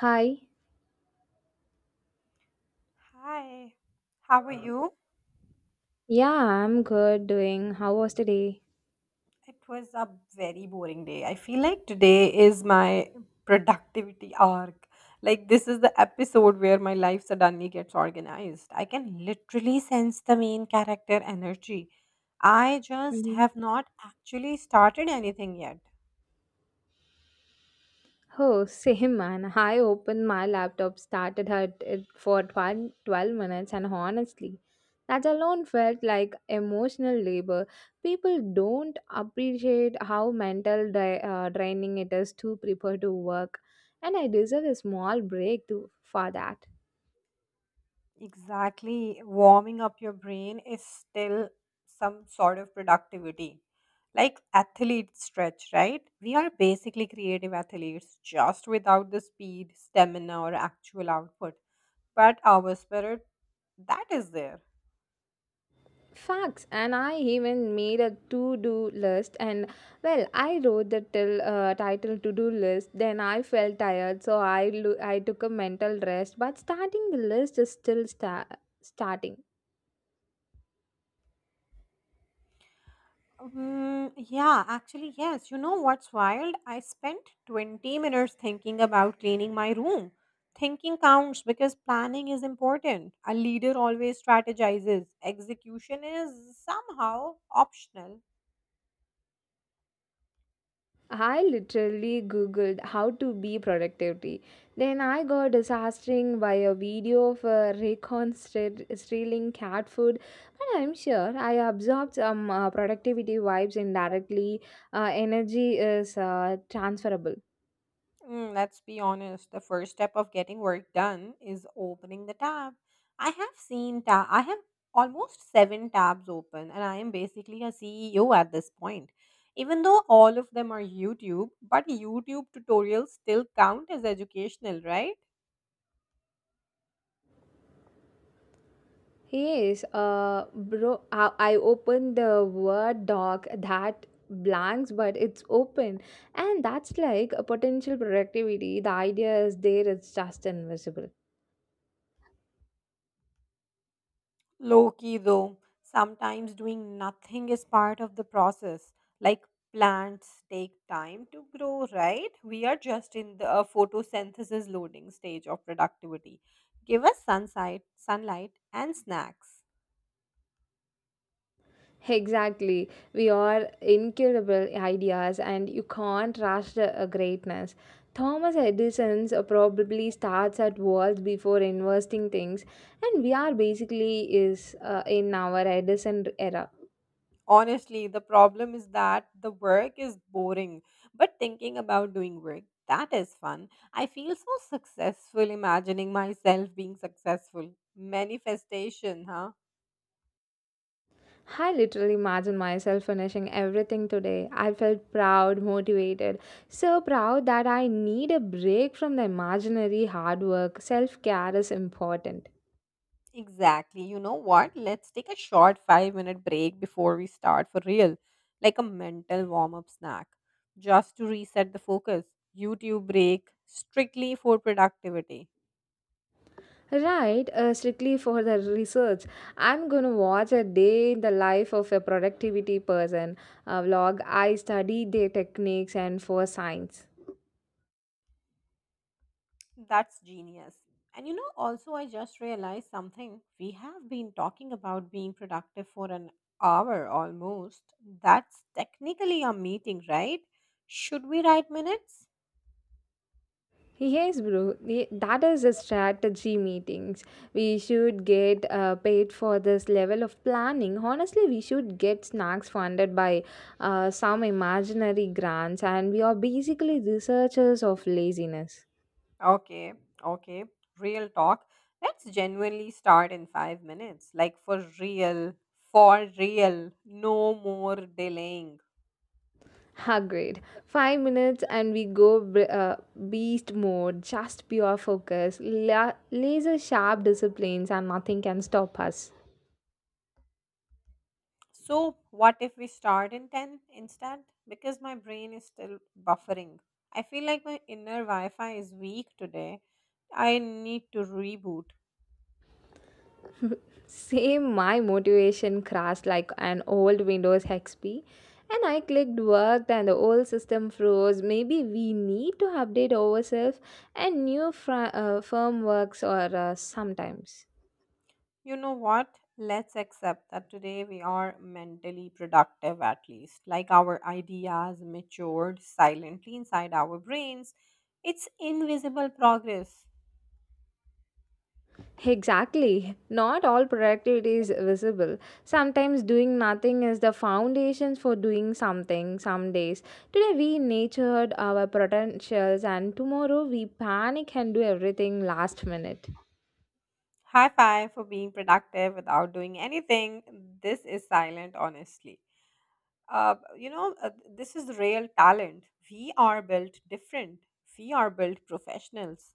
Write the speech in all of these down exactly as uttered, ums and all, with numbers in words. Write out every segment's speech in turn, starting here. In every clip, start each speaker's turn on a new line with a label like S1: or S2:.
S1: Hi.
S2: Hi, how are you?
S1: Yeah, I'm good doing. How was the day?
S2: It was a very boring day. I feel like today is my productivity arc. Like, this is the episode where my life suddenly gets organized. I can literally sense the main character energy. I just
S1: hmm
S2: have not actually started anything yet.
S1: Oh, same, man. I opened my laptop, started at it for twelve twelve minutes, and honestly, that alone felt like emotional labor. People don't appreciate how mental dra- uh, draining it is to prepare to work, and I deserve a small break to, for that.
S2: Exactly. Warming up your brain is still some sort of productivity. Like athlete stretch, right? We are basically creative athletes, just without the speed, stamina, or actual output. But our spirit, that is there.
S1: Facts, and I even made a to do list. And well, I wrote the till, uh, title to do list. Then I felt tired, so I lo- I took a mental rest. But starting the list is still sta- starting.
S2: Mm, yeah, actually, yes. You know what's wild? I spent twenty minutes thinking about cleaning my room. Thinking counts because planning is important. A leader always strategizes, execution is somehow optional.
S1: I literally googled how to be productivity. Then I got disastering by a video of a recon stre- stealing cat food. But I'm sure I absorbed some uh, productivity vibes indirectly. Uh, energy is uh, transferable.
S2: Mm, let's be honest, the first step of getting work done is opening the tab. I have seen ta- I have almost seven tabs open, and I am basically a C E O at this point. Even though all of them are YouTube, but YouTube tutorials still count as educational, right?
S1: Yes, uh, bro, I, I opened the Word doc that blanks, but it's open. And that's like a potential productivity. The idea is there, it's just invisible.
S2: Low key though, sometimes doing nothing is part of the process. Like plants take time to grow, right? We are just in the uh, photosynthesis loading stage of productivity. Give us sunlight, sunlight and snacks.
S1: Exactly. We are incurable ideas, and you can't rush the uh, greatness. Thomas Edison's uh, probably starts at walls before investing things, and we are basically is uh, in our Edison era.
S2: Honestly, the problem is that the work is boring, but thinking about doing work, that is fun. I feel so successful imagining myself being successful. Manifestation, huh?
S1: I literally imagine myself finishing everything today. I felt proud, motivated, so proud that I need a break from the imaginary hard work. Self care is important.
S2: Exactly. You know what? Let's take a short five minute break before we start for real, like a mental warm up snack, just to reset the focus. YouTube break, strictly for productivity.
S1: Right, uh, strictly for the research. I'm gonna watch a day in the life of a productivity person, a vlog. I study their techniques and for science.
S2: That's genius. And you know, also, I just realized something. We have been talking about being productive for an hour almost. That's technically a meeting, right? Should we write minutes?
S1: Yes, bro. Ye- That is a strategy meetings. We should get uh, paid for this level of planning. Honestly, we should get snacks funded by uh, some imaginary grants, and we are basically researchers of laziness.
S2: Okay, okay. Real talk. Let's genuinely start in five minutes. Like for real, for real. No more delaying.
S1: Agreed. Five minutes and we go b- uh, beast mode, just pure focus, la- laser sharp disciplines, and nothing can stop us.
S2: So, what if we start in ten instead? Because my brain is still buffering. I feel like my inner Wi Fi is weak today. I need to reboot.
S1: Same, my motivation crashed like an old Windows X P, and I clicked worked, and the old system froze. Maybe we need to update ourselves and new fr- uh, firm works or uh, sometimes.
S2: You know what? Let's accept that today we are mentally productive at least. Like our ideas matured silently inside our brains. It's invisible progress.
S1: Exactly. Not all productivity is visible. Sometimes doing nothing is the foundations for doing something some days. Today we nurtured our potentials and tomorrow we panic and do everything last minute.
S2: High five for being productive without doing anything. This is silent, honestly. Uh, you know, uh, this is real talent. We are built different. We are built professionals.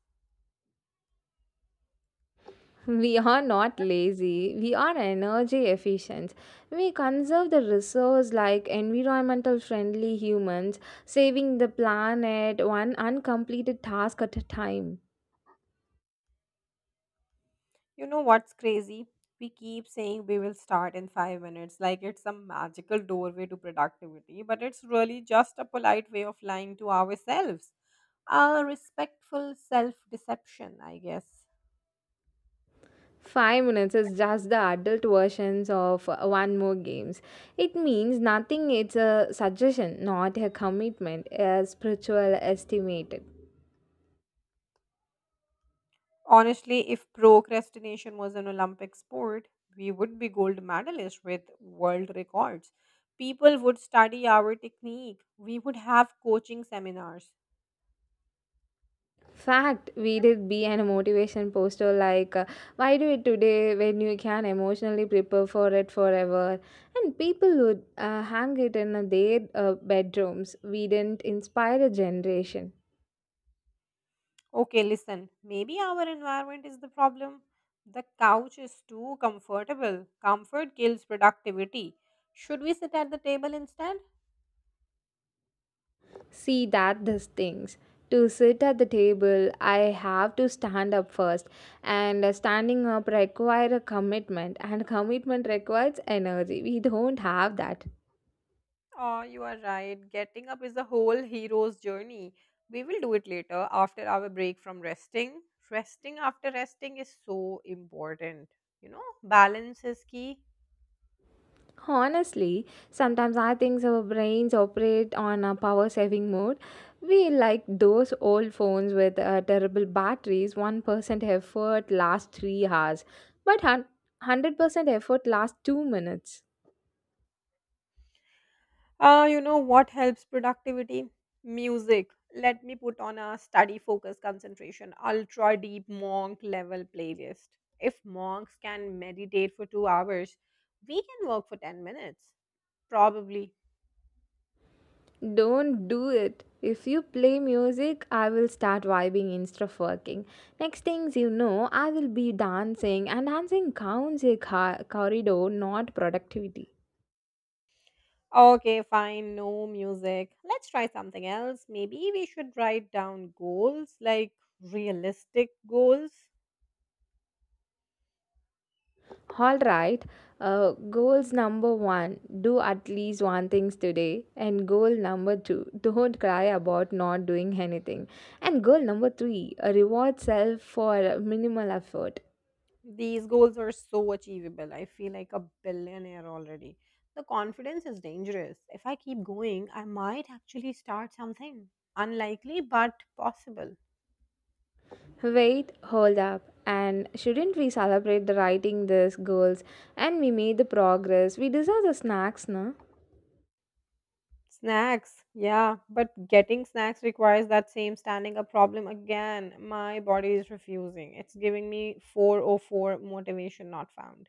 S1: We are not lazy, we are energy efficient. We conserve the resource like environmental friendly humans, saving the planet one uncompleted task at a time.
S2: You know what's crazy? We keep saying we will start in five minutes, like it's some magical doorway to productivity, but it's really just a polite way of lying to ourselves. A respectful self deception, I guess.
S1: five minutes is just the adult versions of uh, one more games. It means nothing, it's a suggestion, not a commitment, a spiritual estimate.
S2: Honestly, if procrastination was an Olympic sport, we would be gold medalists with world records. People would study our technique. We would have coaching seminars.
S1: Fact, we did be an motivation poster like, uh, why do it today when you can emotionally prepare for it forever? And people would uh, hang it in uh, their uh, bedrooms. We didn't inspire a generation.
S2: Okay, listen, maybe our environment is the problem. The couch is too comfortable. Comfort kills productivity. Should we sit at the table instead?
S1: See that these things. To sit at the table, I have to stand up first. And uh, standing up require a commitment, and commitment requires energy. We don't have that.
S2: Oh, you are right. Getting up is a whole hero's journey. We will do it later after our break from resting. Resting after resting is so important. You know, balance is key.
S1: Honestly, sometimes I think our brains operate on a power saving mode. We like those old phones with uh, terrible batteries, one percent effort lasts three hours, but hun- one hundred percent effort lasts two minutes.
S2: Uh, you know what helps productivity? Music. Let me put on a study focus concentration, ultra deep monk level playlist. If monks can meditate for two hours, we can work for ten minutes. Probably.
S1: Don't do it. If you play music, I will start vibing instead of working. Next things you know, I will be dancing, and dancing counts a ca- corridor, not productivity.
S2: Okay, fine, no music. Let's try something else. Maybe we should write down goals, like realistic goals.
S1: All right. Uh, goals number one do at least one things today. And goal number two don't cry about not doing anything. And goal number three uh, reward self for minimal effort.
S2: These goals are so achievable. I feel like a billionaire already. The confidence is dangerous. If I keep going, I might actually start something. Unlikely, but possible.
S1: Wait, hold up. And shouldn't we celebrate the writing these goals? And we made the progress. We deserve the snacks, no?
S2: Snacks, yeah, but getting snacks requires that same standing up problem again. My body is refusing. It's giving me four oh four motivation not found.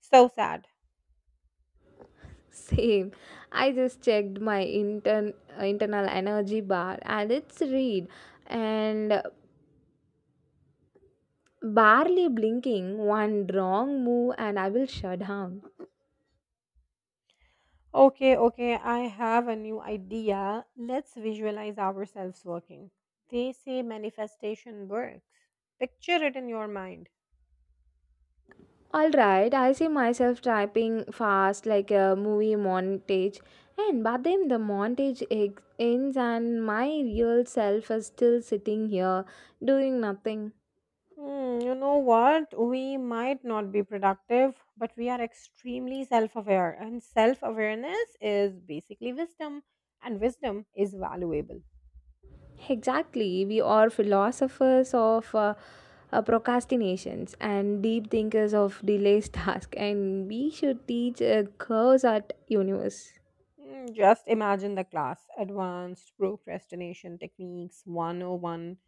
S2: So sad.
S1: Same. I just checked my intern, uh, internal energy bar and it's read. And barely blinking, one wrong move and I will shut down.
S2: Okay, okay, I have a new idea. Let's visualize ourselves working. They say manifestation works. Picture it in your mind.
S1: Alright, I see myself typing fast like a movie montage, and but then the montage ex- ends, and my real self is still sitting here doing nothing.
S2: Hmm, you know what? We might not be productive, but we are extremely self aware, and self awareness is basically wisdom, and wisdom is valuable.
S1: Exactly, we are philosophers of uh, uh, procrastinations and deep thinkers of delays task, and we should teach a curse at universe.
S2: Mm, just imagine the class advanced procrastination techniques one oh one.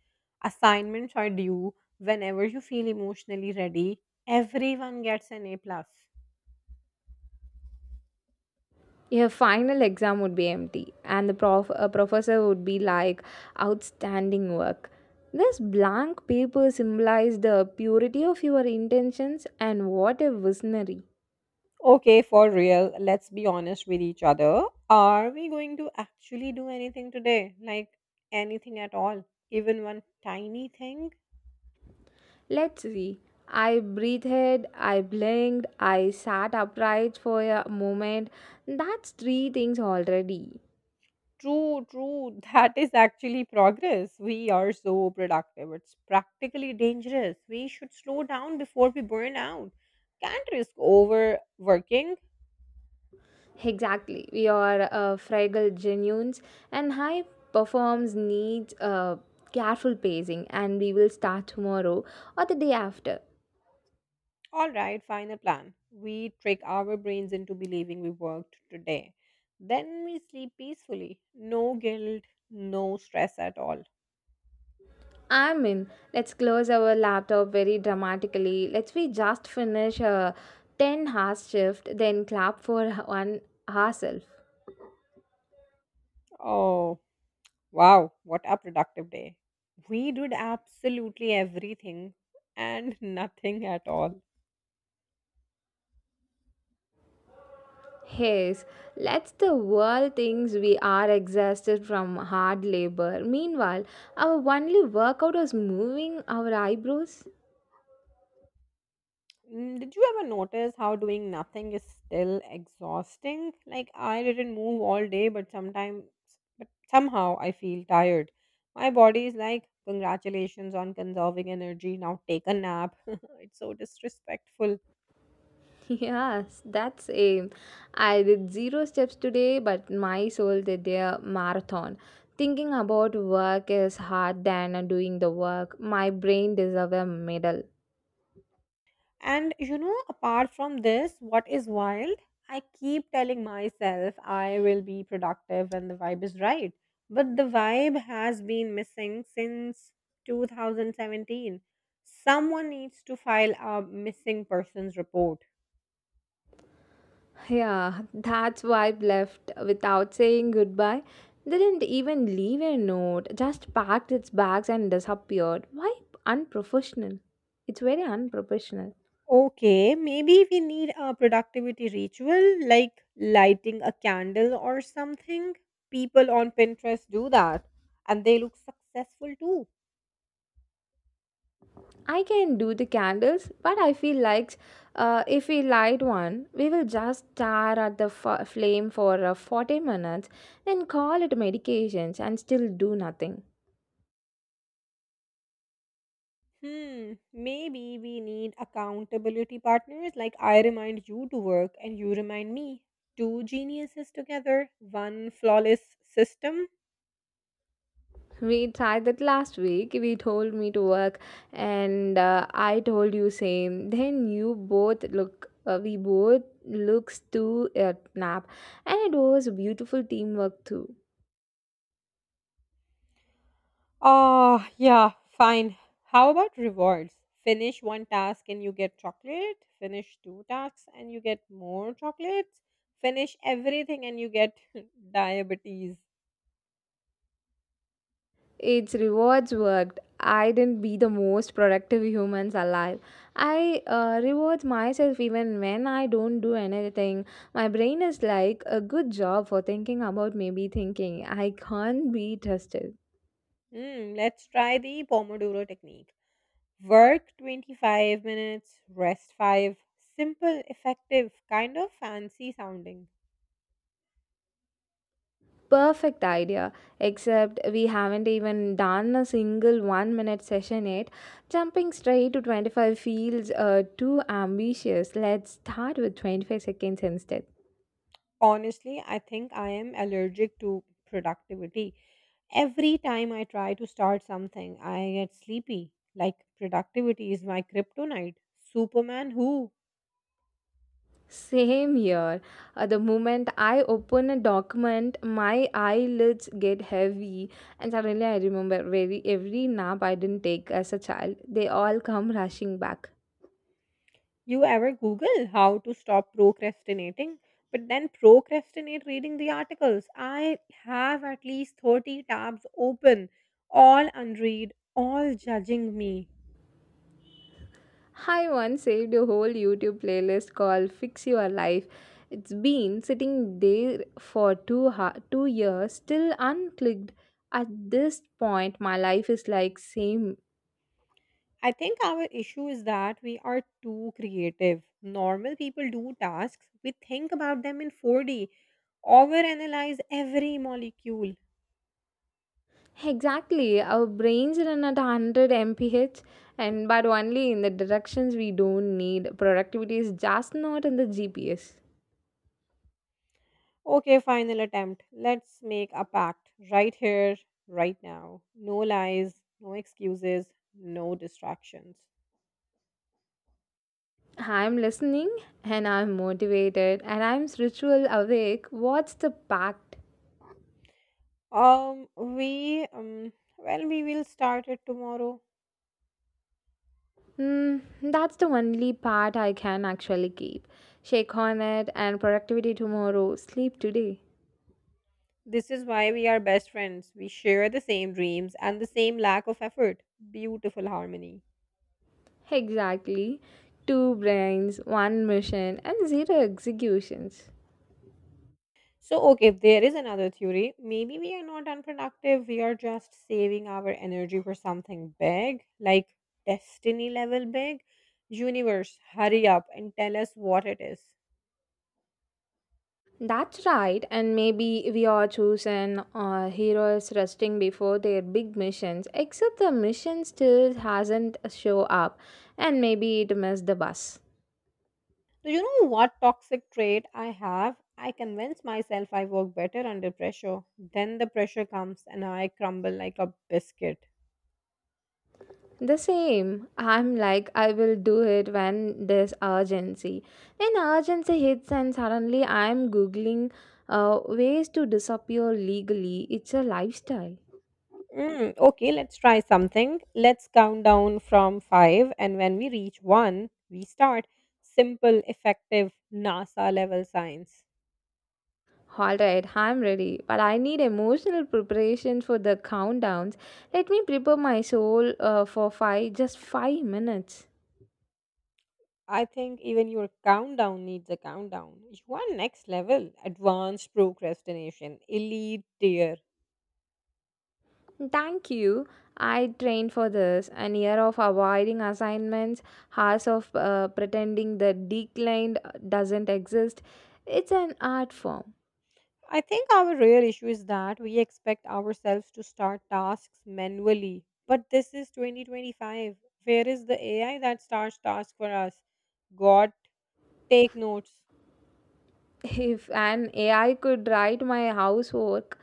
S2: Assignments are due whenever you feel emotionally ready. Everyone gets an A plus.
S1: Your final exam would be empty, and the prof- a professor would be like, outstanding work. This blank paper symbolizes the purity of your intentions, and what a visionary.
S2: Okay, for real, let's be honest with each other. Are we going to actually do anything today? Like anything at all? Even one tiny thing?
S1: Let's see. I breathed, I blinked, I sat upright for a moment. That's three things already.
S2: True, true. That is actually progress. We are so productive. It's practically dangerous. We should slow down before we burn out. Can't risk overworking.
S1: Exactly. We are uh, fragile genuines, and high performs needs uh, careful pacing, and we will start tomorrow or the day after.
S2: All right, final plan. We trick our brains into believing we worked today. Then we sleep peacefully. No guilt, no stress at all.
S1: I mean, let's close our laptop very dramatically. Let's we just finish a ten hour shift, then clap for one ourselves.
S2: Oh, wow. What a productive day. We did absolutely everything and nothing at all.
S1: Yes, let's the world thinks we are exhausted from hard labor. Meanwhile, our only workout is moving our eyebrows.
S2: Mm, did you ever notice how doing nothing is still exhausting? Like I didn't move all day, but sometimes, but somehow I feel tired. My body is like, congratulations on conserving energy. Now take a nap. It's so disrespectful.
S1: Yes, that's aim. I did zero steps today, but my soul did their marathon. Thinking about work is hard than doing the work. My brain deserves a medal.
S2: And you know, apart from this, what is wild? I keep telling myself I will be productive when the vibe is right. But the vibe has been missing since two thousand seventeen. Someone needs to file a missing persons report.
S1: Yeah, that's why I left without saying goodbye. Didn't even leave a note, just packed its bags and disappeared. Why unprofessional? It's very unprofessional.
S2: Okay, maybe we need a productivity ritual like lighting a candle or something. People on Pinterest do that and they look successful too.
S1: I can do the candles, but I feel like uh, if we light one, we will just stare at the f- flame for uh, forty minutes, then call it medications and still do nothing.
S2: Hmm, maybe we need accountability partners, like I remind you to work and you remind me. Two geniuses together, one flawless system.
S1: We tried that last week. We told me to work, and uh, I told you same. Then you both look. Uh, we both looks to a nap, and it was a beautiful teamwork too.
S2: Ah, yeah, fine. How about rewards? Finish one task and you get chocolate, finish two tasks and you get more chocolates, finish everything and you get diabetes.
S1: Its rewards worked. I didn't be the most productive humans alive. I uh, reward myself even when I don't do anything. My brain is like a good job for thinking about maybe thinking. I can't be trusted.
S2: Hmm, let's try the Pomodoro technique. Work twenty-five minutes, rest five. Simple, effective, kind of fancy sounding.
S1: Perfect idea. Except we haven't even done a single one minute session yet. Jumping straight to twenty-five feels uh, too ambitious. Let's start with twenty-five seconds instead.
S2: Honestly, I think I am allergic to productivity. Every time I try to start something, I get sleepy. Like, productivity is my kryptonite. Superman, who?
S1: Same here. At the moment I open a document, my eyelids get heavy, and suddenly I remember very every nap I didn't take as a child. They all come rushing back.
S2: You ever Google how to stop procrastinating, but then procrastinate reading the articles? I have at least thirty tabs open, all unread, all judging me.
S1: I once saved a whole YouTube playlist called "Fix Your Life." It's been sitting there for two ha- two years, still unclicked. At this point, my life is like same.
S2: I think our issue is that we are too creative. Normal people do tasks, we think about them in four D, overanalyze every molecule.
S1: Exactly. Our brains run at one hundred miles per hour and but only in the directions we don't need. Productivity is just not in the G P S.
S2: Okay, final attempt. Let's make a pact right here, right now. No lies, no excuses, no distractions.
S1: I'm listening and I'm motivated and I'm spiritual awake. What's the pact?
S2: Um, we, um, well, we will start it tomorrow.
S1: Hmm, that's the only part I can actually keep. Shake on it and productivity tomorrow, sleep today.
S2: This is why we are best friends. We share the same dreams and the same lack of effort. Beautiful harmony.
S1: Exactly. Two brains, one mission, and zero executions.
S2: So, okay, there is another theory. Maybe we are not unproductive. We are just saving our energy for something big, like destiny level big. Universe, hurry up and tell us what it is.
S1: That's right, and maybe we are chosen uh, heroes resting before their big missions, except the mission still hasn't show up, and maybe it missed the bus.
S2: Do you know what toxic trait I have? I convince myself I work better under pressure. Then the pressure comes and I crumble like a biscuit.
S1: The same, I'm like, I will do it when there's urgency. Then urgency hits, and suddenly I'm googling uh, ways to disappear legally. It's a lifestyle.
S2: Mm, okay, let's try something. Let's count down from five, and when we reach one, we start. Simple, effective NASA level science.
S1: All right, I'm ready, but I need emotional preparation for the countdowns. Let me prepare my soul uh, for five, just five minutes.
S2: I think even your countdown needs a countdown. You are next level, advanced procrastination, elite tier.
S1: Thank you. I trained for this an year of avoiding assignments, hours of uh, pretending the decline doesn't exist. It's an art form.
S2: I think our real issue is that we expect ourselves to start tasks manually. But this is twenty twenty-five. Where is the A I that starts tasks for us? God, take notes.
S1: If an A I could write my housework,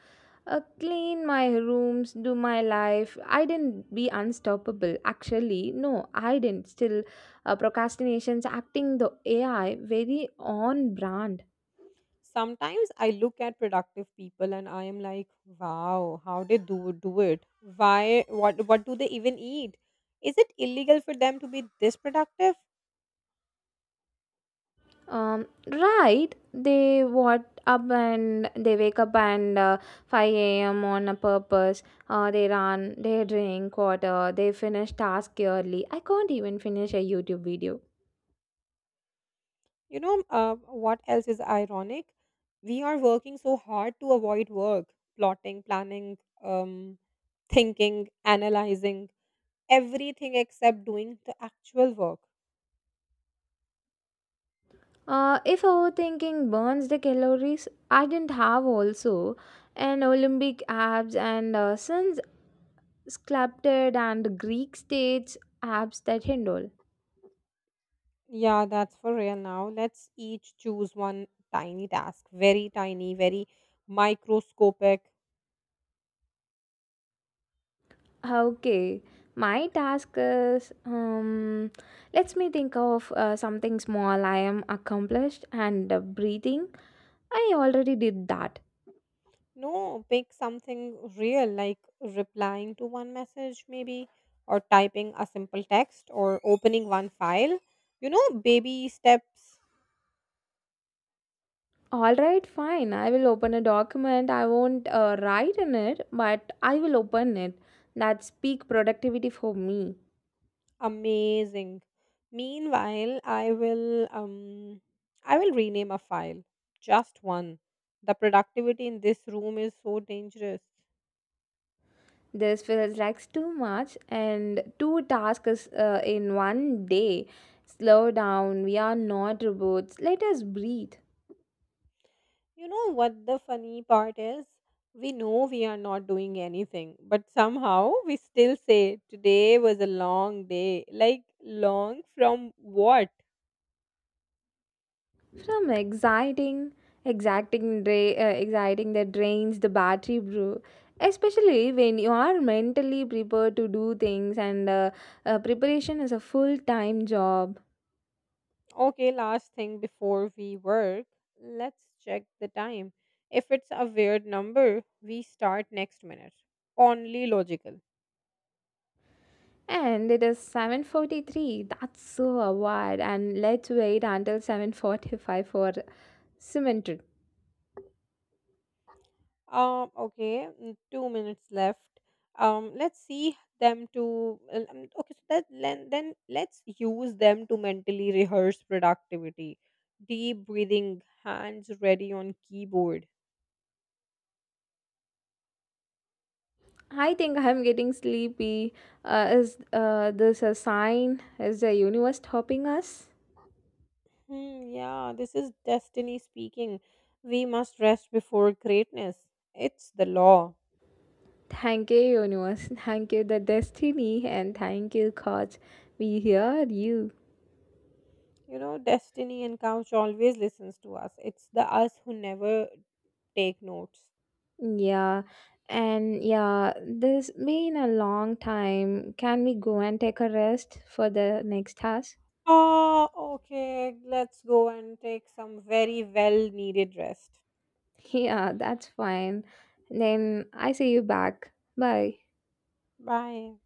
S1: uh, clean my rooms, do my life, I didn't be unstoppable. Actually, no, I didn't. Still, uh, procrastination's acting the A I very on brand.
S2: Sometimes I look at productive people and I am like, wow, how they do do it? Why what what do they even eat? Is it illegal for them to be this productive?
S1: Um, right, they what up and they wake up and uh, five a m on a purpose. Uh, they run, they drink water, they finish task early. I can't even finish a YouTube video.
S2: You know, uh, what else is ironic? We are working so hard to avoid work, plotting, planning, um, thinking, analyzing, everything except doing the actual work.
S1: Uh, if overthinking burns the calories, I didn't have also an Olympic abs and uh, since sculpted and Greek states abs that handle.
S2: Yeah, that's for real now. Let's each choose one tiny task, very tiny, very microscopic.
S1: Okay, my task is um, let me think of uh, something small I am accomplished and uh, breathing. I already did that.
S2: No, pick something real like replying to one message, maybe, or typing a simple text or opening one file. You know, baby steps.
S1: All right, fine. I will open a document. I won't uh, write in it, but I will open it. That's peak productivity for me.
S2: Amazing. Meanwhile, I will um I will rename a file. Just one. The productivity in this room is so dangerous.
S1: This feels like too much, and two tasks uh, in one day. Slow down, we are not robots. Let us breathe.
S2: You know what the funny part is? We know we are not doing anything, but somehow we still say today was a long day. Like, long from what?
S1: From exciting, exacting, dra- uh, exciting that drains the battery, bro. Especially when you are mentally prepared to do things, and uh, uh, preparation is a full time job.
S2: Okay, last thing before we work, let's check the time. If it's a weird number, we start next minute. Only logical.
S1: And it is seven forty-three. That's so awkward. And let's wait until seven forty-five for cement.
S2: Um, okay, mm, two minutes left. Um, let's see them to. l- um, Okay, so that then then let's use them to mentally rehearse productivity, deep breathing, hands ready on keyboard.
S1: I think I'm getting sleepy. Uh, is uh, this a sign? Is the universe helping us?
S2: Hmm, yeah, this is destiny speaking. We must rest before greatness. It's the law.
S1: Thank you, universe. Thank you, the destiny, and thank you, God. We hear you.
S2: You know, destiny and couch always listens to us. It's the us who never take notes.
S1: Yeah, and yeah, this been a long time. Can we go and take a rest for the next task?
S2: Oh, okay. Let's go and take some very well needed rest.
S1: Yeah, that's fine. Then I see you back. Bye.
S2: Bye.